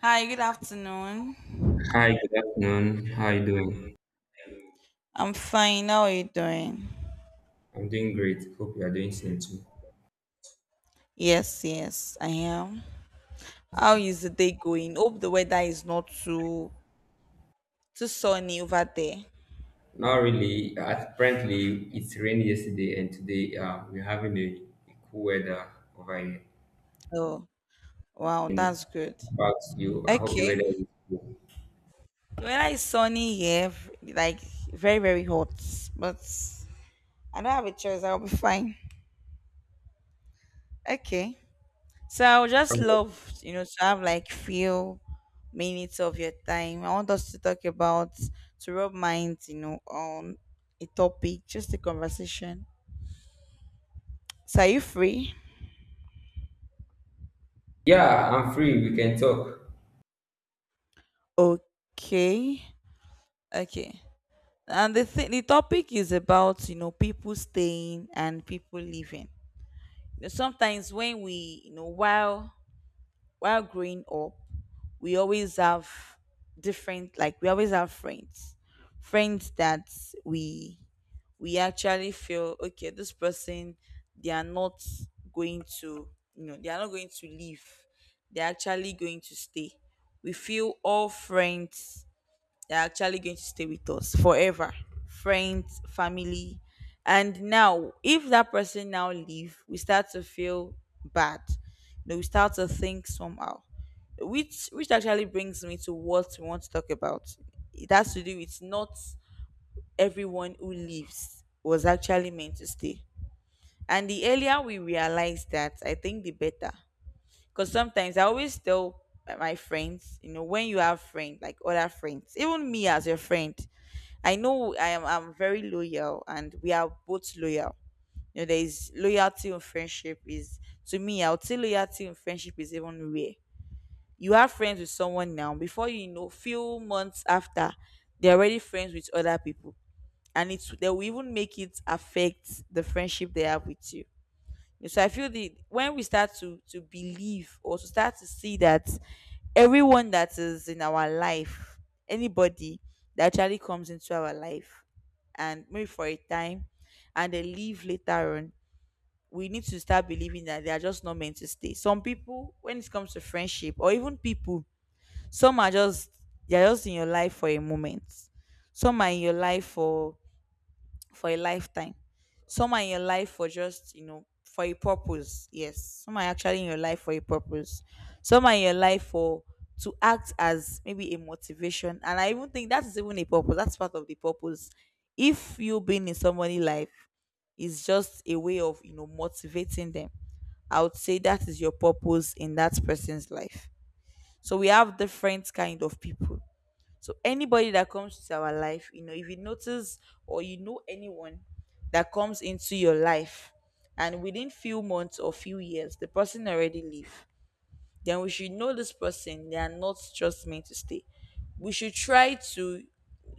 Hi, good afternoon. Hi, good afternoon. How are you doing? I'm fine. How are you doing? I'm doing great. Hope you are doing same too. Yes, yes, I am. How is the day going? Hope the weather is not too sunny over there. Not really. Apparently, it's rained yesterday, and today we're having a cool weather over here. Oh, wow, that's good. About you, I hope the weather Okay. is cool. The weather is sunny here, like very, very hot. But I don't have a choice. I'll be fine. Okay. So I would just love, to have like few minutes of your time. I want us to talk about to rub minds, on a topic, just a conversation. So are you free? Yeah, I'm free. We can talk. Okay. Okay. And the topic is about, you know, people staying and people leaving. You know, sometimes when we, while growing up, we always have different like we always have friends that we we actually feel okay, this person, they are not going to, you know, they are not going to leave, they're actually going to stay. We feel all friends, they're actually going to stay with us forever, friends, family. And now if that person now leave, we start to feel bad. You know, we start to think somehow, which actually brings me to what we want to talk about. It has to do with not everyone who leaves was actually meant to stay. And the earlier we realize that, I think the better. Because sometimes I always tell my friends, you know, when you have friends, like other friends, even me as your friend, I know I'm very loyal and we are both loyal. You know, there is loyalty in friendship is, to me, I would say loyalty in friendship is even rare. You are friends with someone now, before you know, few months after, they're already friends with other people, and it's they will even make it affect the friendship they have with you. So I feel the when we start to believe or to start to see that everyone that is in our life, anybody that actually comes into our life and maybe for a time and they leave later on, we need to start believing that they are just not meant to stay. Some people, when it comes to friendship or even people, some are just they're just in your life for a moment. Some are in your life for a lifetime. Some are in your life for just, you know, for a purpose. Yes. Some are actually in your life for a purpose. Some are in your life for to act as maybe a motivation. And I even think that is even a purpose. That's part of the purpose. If you being in somebody's life is just a way of, you know, motivating them, I would say that is your purpose in that person's life. So we have different kind of people, so anybody that comes to our life, you know, if you notice or you know anyone that comes into your life and within few months or few years the person already leave, then we should know this person, they are not just meant to stay. We should try to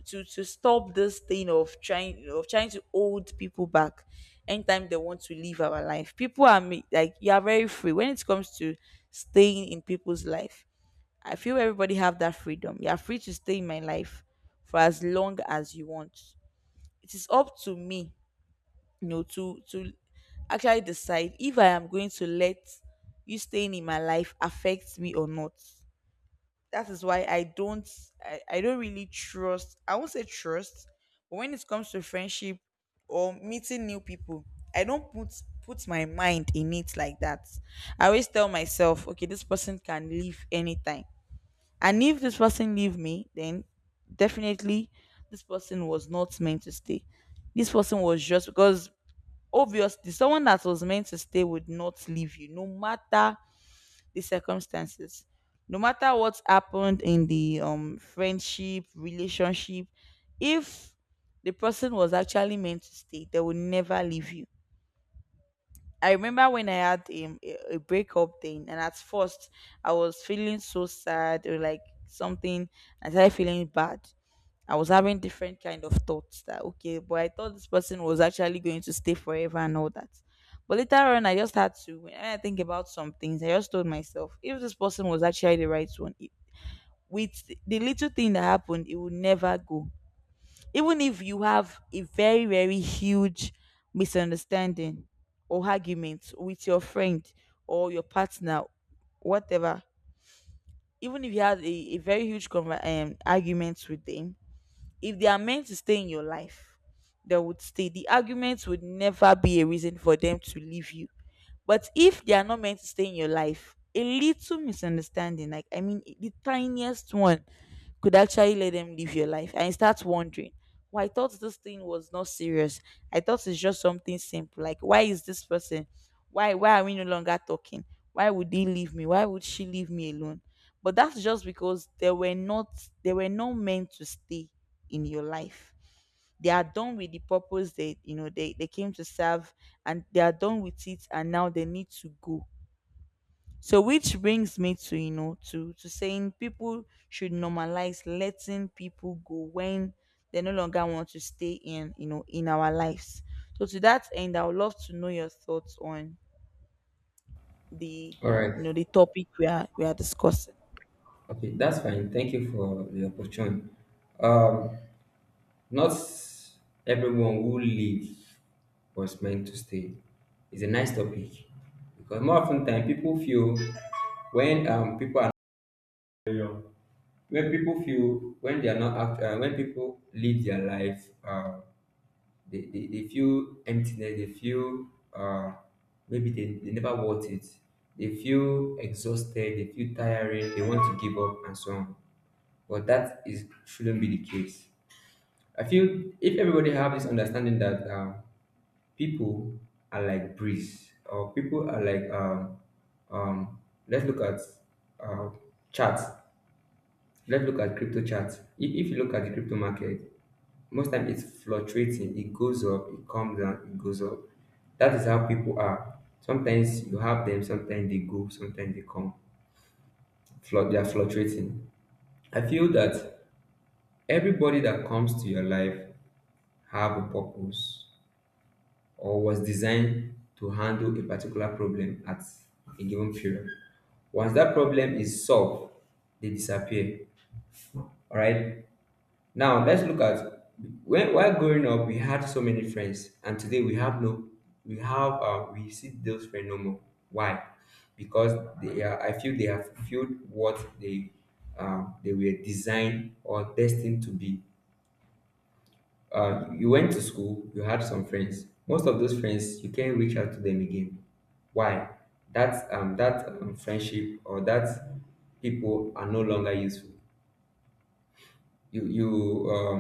to stop this thing of trying to hold people back anytime they want to leave our life. Like you are very free when it comes to staying in people's life. I feel everybody have that freedom. You are free to stay in my life for as long as you want. It is up to me, you know, to actually decide if I am going to let you staying in my life affect me or not. That is why I don't I don't really trust, I won't say trust, but when it comes to friendship or meeting new people, I don't put my mind in it like that. I always tell myself, okay, this person can leave anytime, and if this person leave me, then definitely this person was not meant to stay. This person was just because obviously someone that was meant to stay would not leave you, no matter the circumstances, no matter what's happened in the friendship, relationship. If the person was actually meant to stay, they will never leave you. I remember when I had a breakup thing, and at first I was feeling so sad or like something. I started feeling bad. I was having different kind of thoughts that okay, but I thought this person was actually going to stay forever and all that. But later on, I just had to. When I think about some things, I just told myself, if this person was actually the right one, it, with the little thing that happened, it would never go. Even if you have a very very huge misunderstanding or argument with your friend or your partner, whatever, even if you have a, a very huge argument with them, if they are meant to stay in your life, they would stay. The arguments would never be a reason for them to leave you. But if they are not meant to stay in your life, a little misunderstanding, like I mean the tiniest one, could actually let them live your life and you start wondering, well, I thought this thing was not serious, I thought it's just something simple, like why is this person, why are we no longer talking, why would he leave me, why would she leave me alone? But that's just because they were not, they were not meant to stay in your life. They are done with the purpose they, you know, they came to serve, and they are done with it, and now they need to go. So which brings me to, you know, to saying people should normalize letting people go when they no longer want to stay in, you know, in our lives. So to that end, I would love to know your thoughts on the, All right. you know, the topic we are discussing. Okay, that's fine. Thank you for the opportunity. Um, Not everyone who lives was meant to stay. It's a nice topic because more often than people feel when people are when people feel when they are not when people live their life they feel emptiness, they feel uh, maybe they never worth it, they feel exhausted, they feel tiring, they want to give up and so on, but that is shouldn't be the case. I feel if everybody have this understanding that people are like breeze, or people are like um, let's look at uh, charts. Let's look at crypto charts. If you look at the crypto market, most time it's fluctuating. It goes up, it comes down, it goes up. That is how people are. Sometimes you have them, sometimes they go, sometimes they come. They are fluctuating. I feel that everybody that comes to your life have a purpose or was designed to handle a particular problem at a given period. Once that problem is solved, they disappear. All right. Now let's look at when, while growing up, we had so many friends and today we have no, we have we see those friends no more. Why? Because they are, I feel they have fulfilled what they were designed or destined to be. You went to school, you had some friends. Most of those friends you can't reach out to them again. Why? That that friendship or that people are no longer useful. You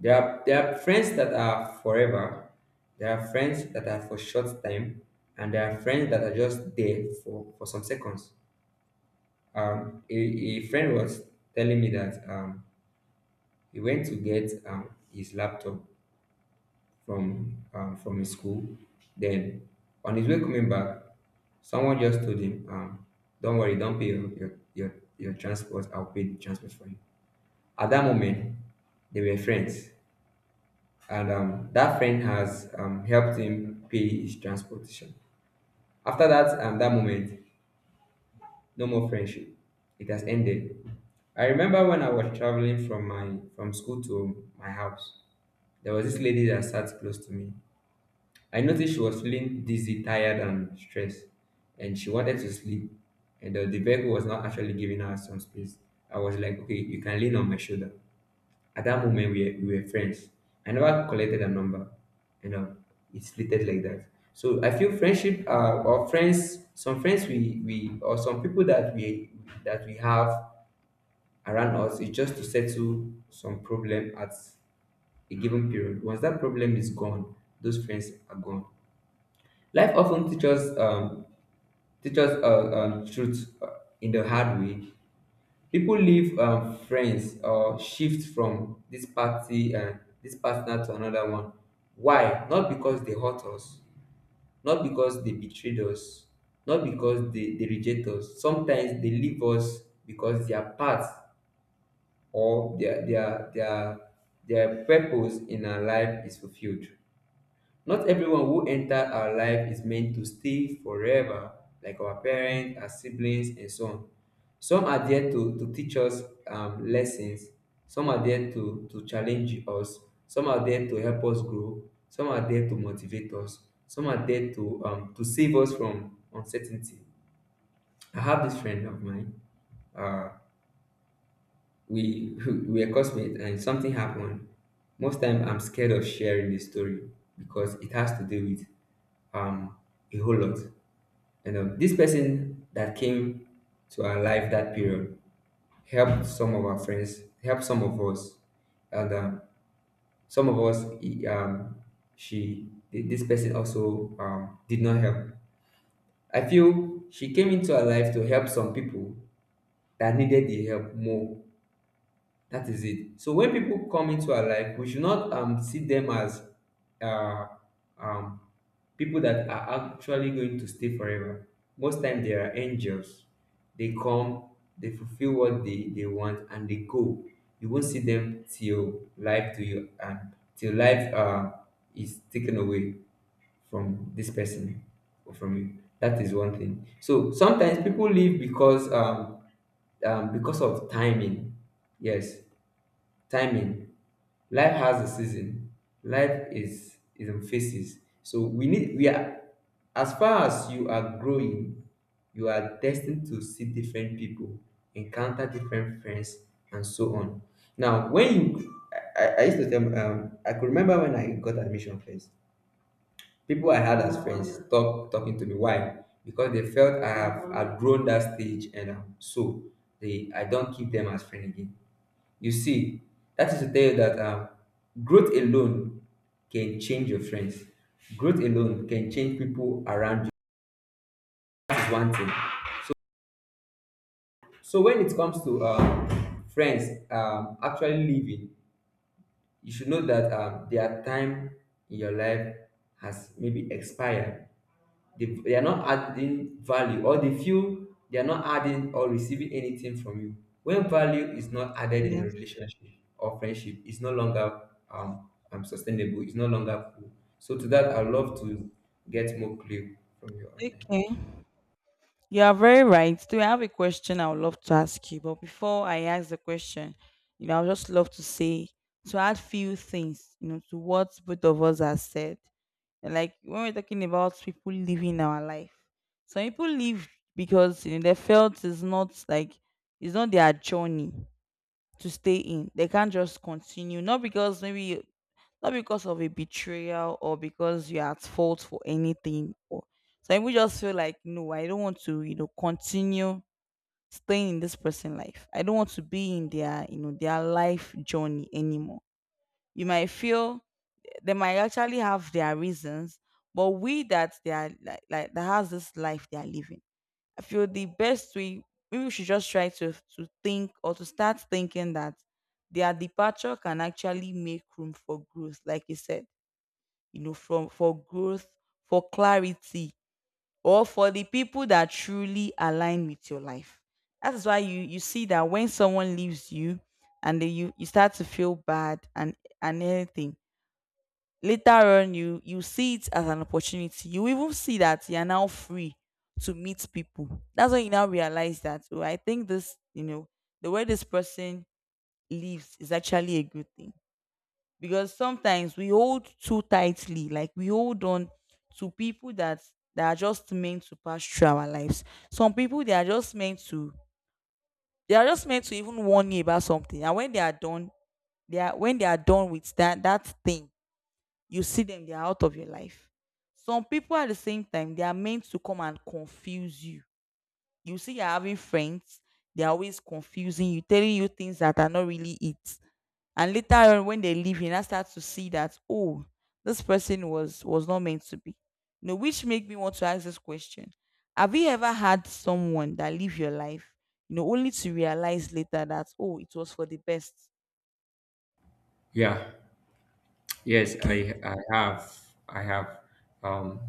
there are friends that are forever, there are friends that are for short time, and there are friends that are just there for some seconds. A friend was telling me that he went to get his laptop from his school, then on his way coming back, someone just told him, "Don't worry, don't pay your your transport, I'll pay the transport for you." At that moment, they were friends, and that friend has helped him pay his transportation. After that, that moment, no more friendship. It has ended. I remember when I was traveling from my from school to my house. There was this lady that sat close to me. I noticed she was feeling dizzy, tired, and stressed, and she wanted to sleep. And the vehicle was not actually giving her some space. I was like, okay, you can lean on my shoulder. At that moment, we were friends. I never collected a number, you know, it slid like that. So I feel friendship, or friends, some friends we or some people that we have around us is just to settle some problem at a given period. Once that problem is gone, those friends are gone. Life often teaches teaches truth in the hard way. Pipo leave friends or shift from dis party dis partner to anoda one. Why? Not becos dey hurt us, not becos dey betrayed us, not becos dey reject us. Sometimes dey leave us becos dia part or dia dia purpose in our life is fulfilled. Not everyone who enters our life is meant to stay forever, like our parents, our siblings, and so on. Some are there to teach us lessons, some are there to challenge us, some are there to help us grow, some are there to motivate us, some are there to save us from uncertainty. I have this friend of mine. Uh, we we were classmates, and something happened. Most time, I'm scared of sharing this story because it has to do with um, a whole lot. And this person that came to our life that period helped some of our friends, helped some of us, and some of us, she, this person also did not help. I feel she came into our life to help some people that needed the help more. That is it. So when people come into our life, we should not see them as uh, um, people that are actually going to stay forever. Most times they are angels. They come, they fulfill what they want and they go. You won't see them till life to you and till life is taken away from this person or from you. That is one thing. So sometimes people leave because of timing. Yes, timing. Life has a season, life is in phases, so we need, we are, as far as you are growing, you are destined to see different people, encounter different friends, and so on. Now when you I used to tell I could remember when I got admission first, people I had as friends stop talking to me. Why? Because they felt I have outgrown that stage, and so they I don't keep them as friend again. You see, that is to tell you that growth alone can change your friends. Growth alone can change people around you. That is one thing. So when it comes to friends actually leaving, you should know that their time in your life has maybe expired. They are not adding value, or they feel they are not adding or receiving anything from you. When value is not added in a Yes. relationship or friendship, it's no longer sustainable, it's no longer cool. So to that, I'd love to get more clue from your end. Okay. You are very right. Do I have a question I would love to ask you? But before I ask the question, you know, I would just love to say to add few things, you know, to what both of us have said. And like when we're talking about people living our life, some people live because you know they felt it's not like it's not their journey to stay in. They can't just continue. Not because maybe not because of a betrayal or because you're at fault for anything or so we just feel like no, I don't want to, you know, continue staying in this person's life, I don't want to be in their, you know, their life journey anymore. You might feel they might actually have their reasons, but we that they are like that has this life they are living. I feel the best way, maybe we should just try to think or to start thinking that their departure can actually make room for growth, like you said, you know, from for growth, for clarity, or for the people that truly align with your life. That is why you see that when someone leaves you and then you start to feel bad and anything, later on you see it as an opportunity, you even see that you're now free to meet people. That's when you now realize that, oh, I think this, you know, the way this person lives is actually a good thing. Because sometimes we hold too tightly, like we hold on to people that that are just meant to pass through our lives. Some people they are just meant to they are just meant to even warn you about something, and when they are done, they are when they are done with that thing, you see them, they are out of your life. Some people at the same time they are meant to come and confuse you. You see you're having friends, they're always confusing you, telling you things that are not really it. And later on when they leave, you now start to see that, oh, this person was not meant to be. You know, which make me want to ask this question. Have you ever had someone that live your life, you know, only to realize later that, oh, it was for the best? Yeah. Yes, Okay. I have, I have um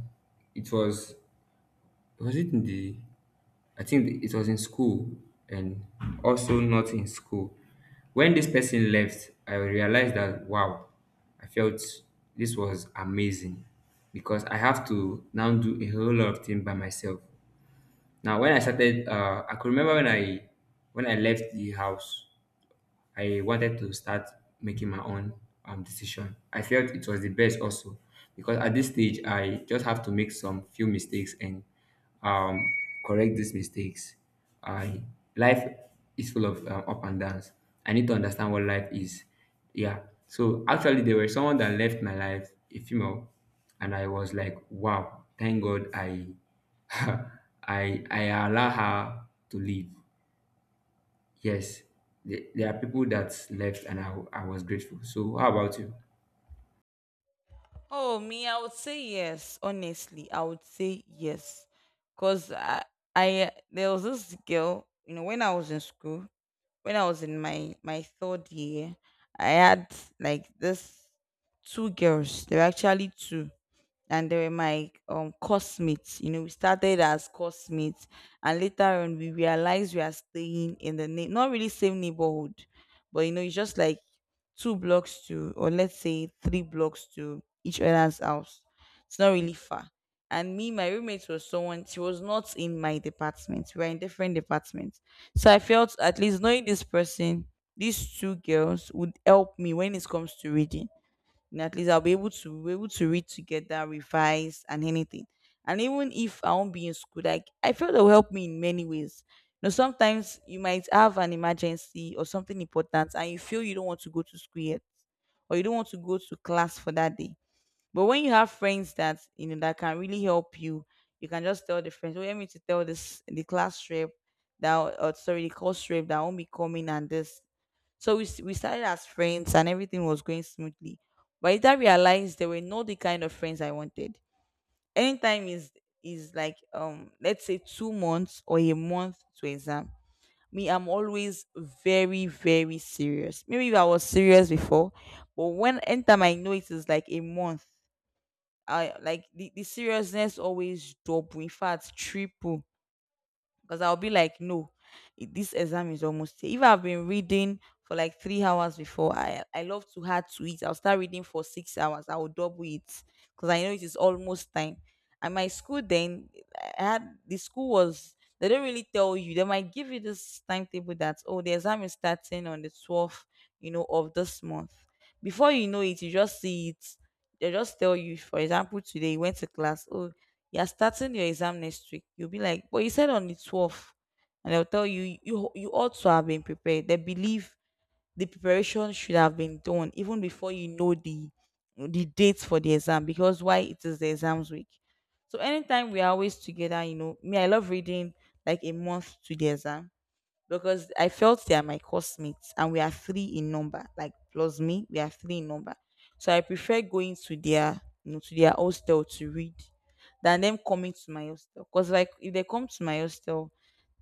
it Was it in the? I think it was in school, and also not in school. When this person left, I realized that, wow, I felt this was amazing because I have to now do a whole lot of things by myself. Now, when I started, I could remember when I left the house. I wanted to start making my own decision. I felt it was the best also because at this stage I just have to make some few mistakes and um, correct these mistakes. I Life is full of up and downs. I need to understand what life is. Yeah. So actually, there was someone that left my life, a female, and I was like, wow, thank God I I allow her to live. Yes, there are people that left, and I was grateful. So, how about you? Oh, me, I would say yes, honestly, I would say yes. Because I there was this girl, you know, when I was in school, when I was in my third year, I had like this two girls. They were actually two, and they were my course mates. You know, we started as course mates, and later on we realized we are staying in the name, not really same neighborhood, but you know, it's just like two blocks to, or let's say three blocks to each other's house. It's not really far. And me, my roommate was someone, she was not in my department. We were in different departments. So I felt at least knowing this person, these two girls would help me when it comes to reading, and at least I'll be able to read together, revise, and anything. And even if I won't be in school, like I feel it will help me in many ways. You know, sometimes you might have an emergency or something important, and you feel you don't want to go to school yet, or you don't want to go to class for that day. But when you have friends that you know that can really help you, you can just tell the friends, "Oh, let me to tell this the class rep that, or sorry, the course rep that won't be coming and this." So we started as friends and everything was going smoothly. But later I realized they were not the kind of friends I wanted. Anytime is like, let's say, 2 months or a month to exam. Me, I'm always very, very serious. Maybe if I was serious before, but when anytime I know it is like a month, I like the seriousness always double, in fact, triple, because I'll be like, no, this exam is almost here. If I've been reading for like 3 hours before, I love to add to it. I'll start reading for 6 hours. I will double it because I know it is almost time. And my school then, I had the school was they don't really tell you. They might give you this timetable that, oh, the exam is starting on the 12th, you know, of this month. Before you know it, you just see it. They just tell you, for example, today you went to class. Oh, you're starting your exam next week. You'll be like, but you said on the 12th. And they'll tell you, you ought to have been prepared. They believe the preparation should have been done even before you know the dates for the exam, because why, it is the exams week. So anytime we are always together. You know, me, I love reading like a month to the exam, because I felt they are my classmates and we are three in number, like, plus me, we are three in number. So I prefer going to their, you know, to their hostel to read than them coming to my hostel. Because like, if they come to my hostel,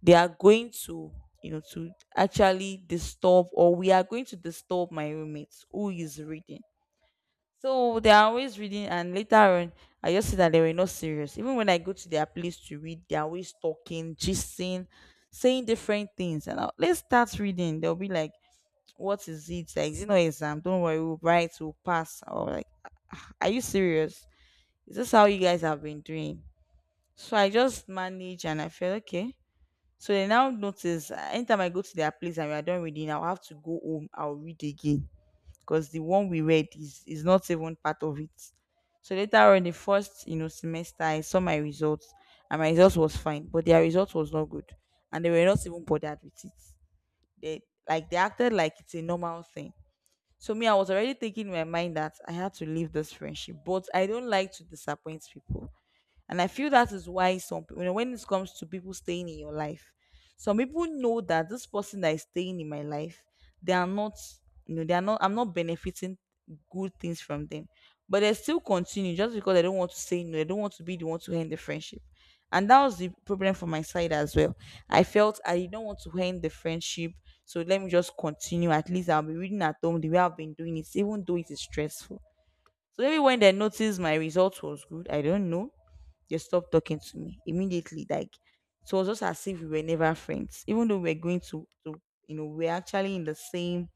they are going to, you know, to actually disturb, or we are going to disturb my roommates who is reading. So they are always reading, and later on, I just see that they were not serious. Even when I go to their place to read, they are always talking, gisting, saying different things. And I'll, let's start reading. They'll be like, "What is it? Like, is it not exam? Don't worry, we'll write, we'll pass." Or like, "Ah, are you serious? Is this how you guys have been doing?" So I just manage, and I feel okay. So they now notice. Anytime I go to their place and we are done reading, I'll have to go home. I'll read again because the one we read is not even part of it. So later on, the first, you know, semester, I saw my results, and my results was fine, but their results was not good. And they were not even bothered with it. They, like, they acted like it's a normal thing. So me, I was already thinking in my mind that I had to leave this friendship, but I don't like to disappoint people. And I feel that is why you know, when it comes to people staying in your life, some people know that this person that is staying in my life, they are not, you know, they are not. I'm not benefiting good things from them, but they still continue just because they don't want to say no. They don't want to be the one to end the friendship, and that was the problem from my side as well. I felt I did not want to end the friendship, so let me just continue. At least I'll be reading at home the way I've been doing it, even though it is stressful. So maybe when they noticed my result was good, I don't know, they stopped talking to me immediately. Like, it was just as if we were never friends, even though we're going to, you know, we are actually in the same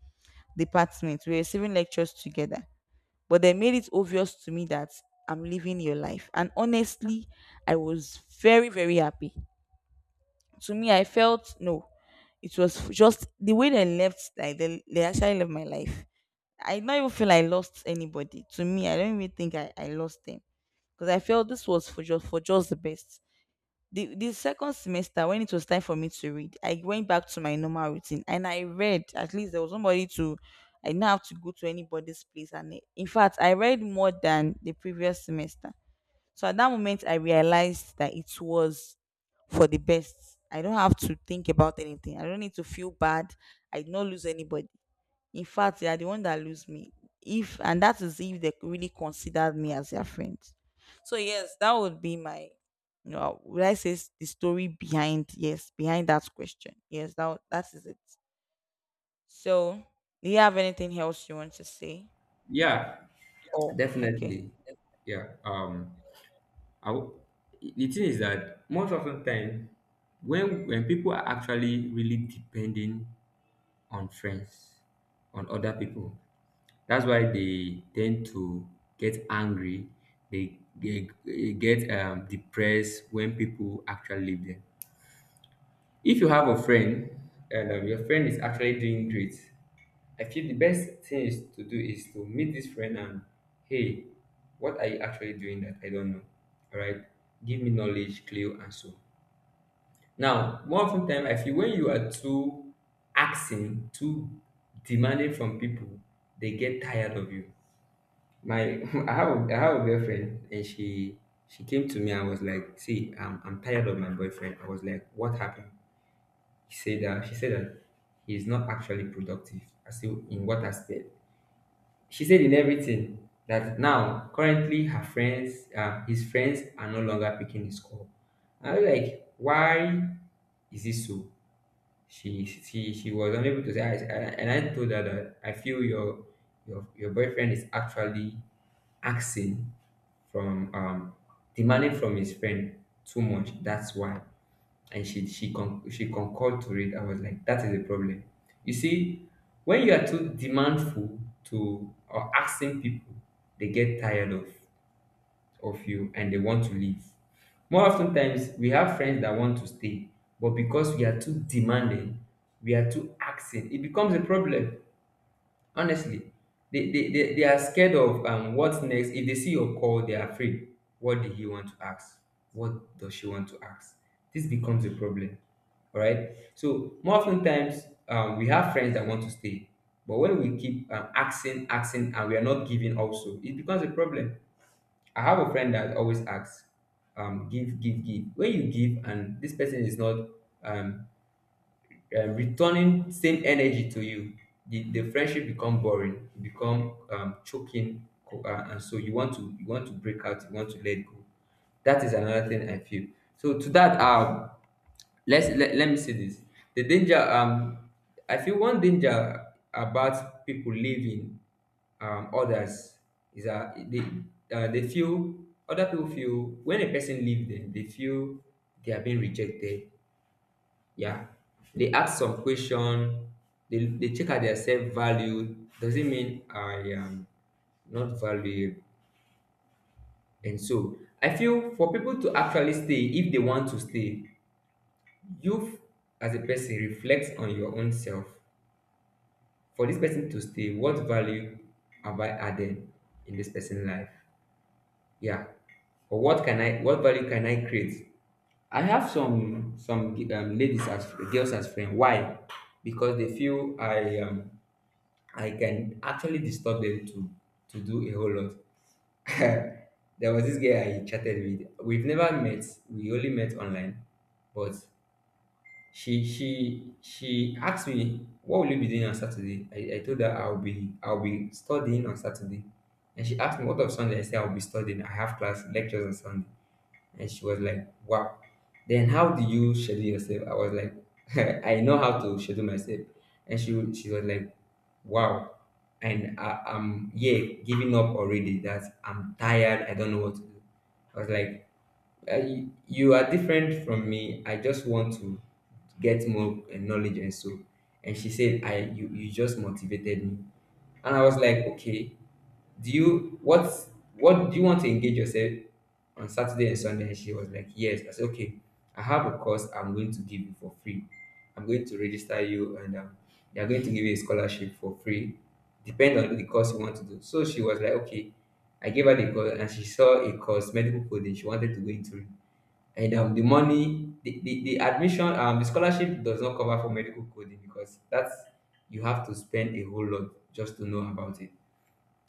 department, we're receiving lectures together. But they made it obvious to me that I'm living your life. And honestly, I was very, very happy. To me, I felt no, it was just the way they left, like they actually left my life. I don't even feel I lost anybody. To me, I don't even think I lost them, because I felt this was for just the best. The second semester, when it was time for me to read, I went back to my normal routine and I read. At least there was somebody to. I didn't have to go to anybody's place, and in fact, I read more than the previous semester. So at that moment I realized that it was for the best. I don't have to think about anything. I don't need to feel bad. I did not lose anybody. In fact, they are the one that lose me. If, and that is if, they really considered me as their friend. So yes, that would be my, you know, would I say, the story behind, yes, behind that question. Yes, that would, that is it. So do you have anything else you want to say? Yeah, Oh, okay. definitely. Yeah. I, w- the thing is that most of the time, when people are actually really depending on friends, on other people, that's why they tend to get angry. They get depressed when people actually leave them. If you have a friend and your friend is actually doing great, I feel the best thing is to do is to meet this friend and, hey, what are you actually doing that I don't know? All right, give me knowledge, clue, and so. Now, more often time, I feel when you are too asking, too demanding from people, they get tired of you. My, I have, I have a girlfriend, and she came to me and was like, "See, I'm tired of my boyfriend." I was like, "What happened?" He said that She said that he's not actually productive. I said, "In what aspect?" She said in everything, that now currently his friends are no longer picking his call. I was like, why is this so? She was unable to say. And I told her that I feel your your boyfriend is actually asking from demanding from his friend too much. That's why. And she she concurred to it. I was like, that is a problem. You see, when you are too demandful to or asking people, they get tired of you and they want to leave. More often times, we have friends that want to stay, but because we are too demanding, we are too asking, it becomes a problem honestly. They, they are scared of what's next. If they see your call they are afraid. What did he want to ask? What does she want to ask? This becomes a problem. All right, so more often times, we have friends that want to stay, but when we keep asking and we are not giving also, it becomes a problem. I have a friend that always asks. Give. When you give and this person is not, um, returning same energy to you, the friendship become boring. It become choking, and so you want to break out, you want to let go. That is another thing I feel. So to that, let me say this. The danger, I feel one danger about people leaving others, is that they feel, other people feel, when a person leave them, they feel they are being rejected. Yeah. They ask some question. They check at their self value. Does it mean I am not valuable? And so I feel, for people to actually stay, if they want to stay, you as a person reflect on your own self. For this person to stay, what value have I added in this person's life? Yeah. Or what can I? What value can I create? I have some ladies as girls as friend. Why? Because they feel I can actually disturb them to do a whole lot. There was this girl I chatted with. We've never met. We only met online, but she asked me, "What will you be doing on Saturday?" I told her I'll be studying on Saturday, and she asked me, "What of Sunday?" I said I'll be studying. I have class lectures on Sunday. And she was like, "Wow. Then how do you schedule yourself?" I was like, "I know how to schedule myself," and she was like, "Wow." And I'm, yeah, giving up already. That I'm tired. I don't know what to do. I was like, you are different from me. I just want to get more knowledge and so." And she said, "I, you just motivated me." And I was like, "Okay, do you what do you want to engage yourself on Saturday and Sunday?" And she was like, "Yes." I said, "Okay, I have a course I'm going to give you for free. I'm going to register you, and they're going to give you a scholarship for free, depending on the course you want to do." So she was like, "Okay." I gave her the course and she saw a course, medical coding, she wanted to go into it. And the money, the admission, the scholarship does not cover for medical coding, because that's, you have to spend a whole lot just to know about it.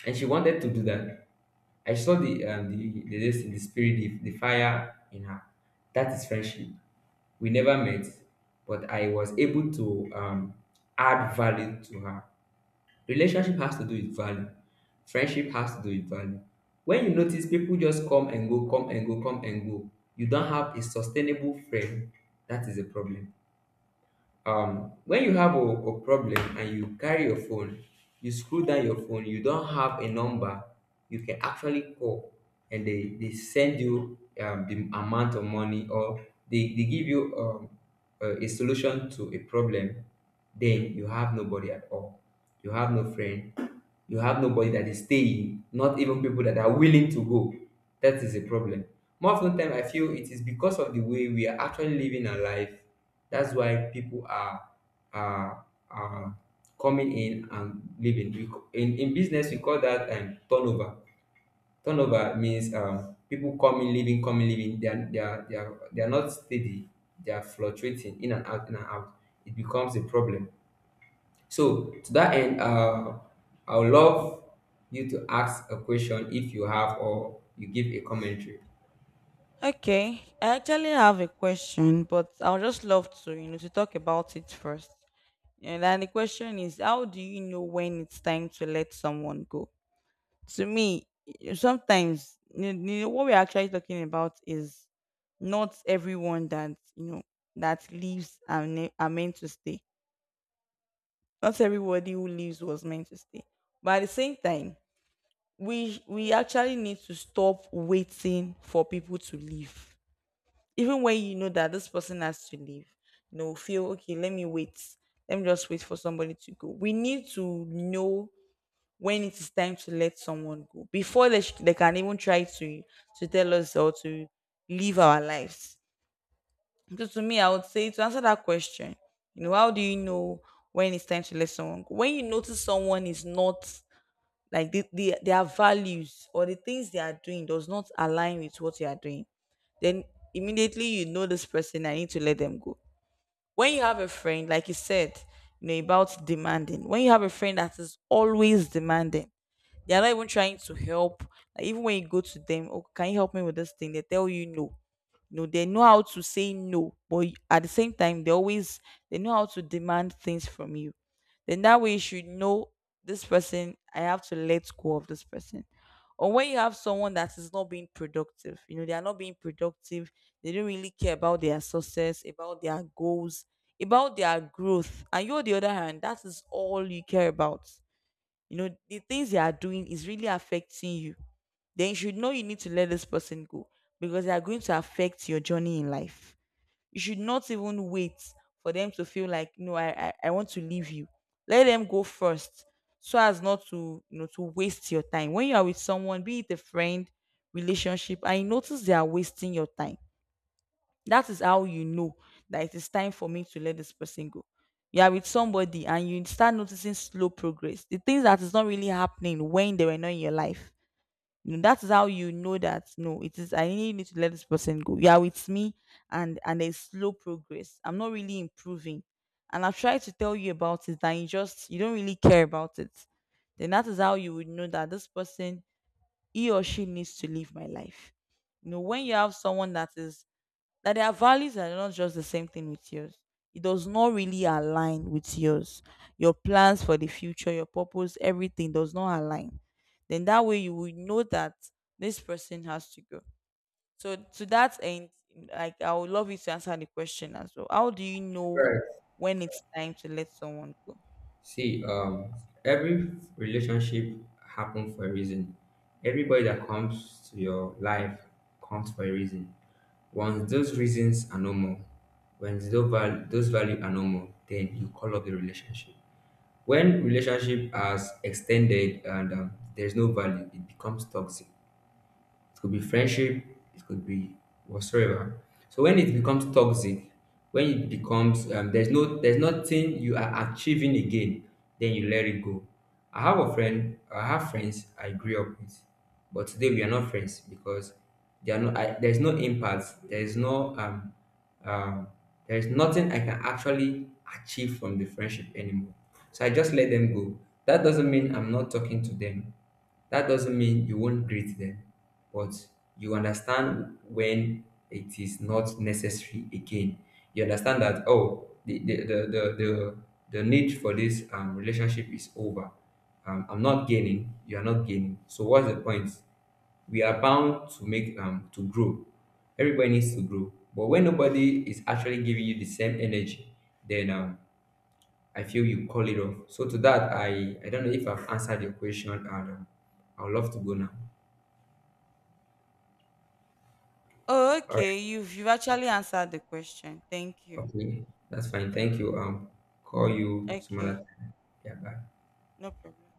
And she wanted to do that. I saw the the spirit, the fire in her. That is friendship. We never met, but I was able to add value to her. Relationship has to do with value. Friendship has to do with value. When you notice people just come and go, come and go, come and go, you don't have a sustainable friend. That is a problem. When you have a problem and you carry your phone, you screw down your phone, you don't have a number you can actually call, and they send you the amount of money, or they give you a solution to a problem, then you have nobody at all. You have no friend. You have nobody that is staying, not even people that are willing to go. That is a problem. More often time, I feel it is because of the way we are actually living our life. That's why people are, are, are coming in and leaving. In business, we call that turnover. Turnover means people coming, leaving, coming, leaving. They are not steady. They are fluctuating in and out, in and out. It becomes a problem. So to that end, I would love you to ask a question if you have, or you give a commentary. Okay. I actually have a question, but I would just love to, you know, to talk about it first. And then the question is, how do you know when it's time to let someone go? To me, sometimes, you know, what we're actually talking about is, not everyone that you know that leaves are, are meant to stay. Not everybody who leaves was meant to stay. But at the same time, we actually need to stop waiting for people to leave. Even when you know that this person has to leave, you know, feel okay. Let me wait. Let me just wait for somebody to go. We need to know when it is time to let someone go before they can even try to tell us, or to live our lives. So to me, I would say, to answer that question, you know, how do you know when it's time to let someone go? When you notice someone is not, like, their values or the things they are doing does not align with what you are doing, then immediately you know this person, I need to let them go. When you have a friend, like you said, you know, about demanding, when you have a friend that is always demanding, they are not even trying to help. Like, even when you go to them, oh, can you help me with this thing, they tell you no. No, they know how to say no, but at the same time, they always, they know how to demand things from you. Then that way you should know, this person, I have to let go of this person. Or when you have someone that is not being productive, you know, they are not being productive, they don't really care about their success, about their goals, about their growth. And you, on the other hand, that is all you care about. You know, the things they are doing is really affecting you. Then you should know you need to let this person go, because they are going to affect your journey in life. You should not even wait for them to feel like, no, I want to leave you. Let them go first, so as not to, you know, to waste your time. When you are with someone, be it a friend, relationship, and you notice they are wasting your time, that is how you know that it is time for me to let this person go. You are with somebody and you start noticing slow progress, the things that is not really happening when they were not in your life. You know, that is how you know that, no, it is, I really need to let this person go. You are with me, and there's slow progress, I'm not really improving, and I've tried to tell you about it, and you just, you don't really care about it. Then that is how you would know that this person, he or she, needs to leave my life. You know, when you have someone that is, that their values are not just the same thing with yours. It does not really align with yours. Your plans for the future, your purpose, everything does not align. Then that way you will know that this person has to go. So to that end, like, I would love you to answer the question as well. How do you know Right. when it's time to let someone go? See, every relationship happens for a reason. Everybody that comes to your life comes for a reason. Once those reasons are normal, when those value are normal, then you call up the relationship. When relationship has extended and, there's no value, it becomes toxic. It could be friendship, it could be whatsoever. So when it becomes toxic, when it becomes, there's no, there's nothing you are achieving again, then you let it go. I have a friend, I have friends I grew up with, but today we are not friends because there are there's no impact, there's no um there's nothing I can actually achieve from the friendship anymore. So I just let them go. That doesn't mean I'm not talking to them. That doesn't mean you won't greet them, but you understand when it is not necessary again. You understand that, oh, the need for this relationship is over. I'm not gaining. You are not gaining. So what's the point? We are bound to make to grow. Everybody needs to grow. But when nobody is actually giving you the same energy, then I feel you call it off. So to that, I don't know if I've answered your question, and I would love to go now. Oh, All right. okay. You've actually answered the question. Thank you. Okay, that's fine. Thank you. Call you some other Okay, time. Yeah, bye. no problem.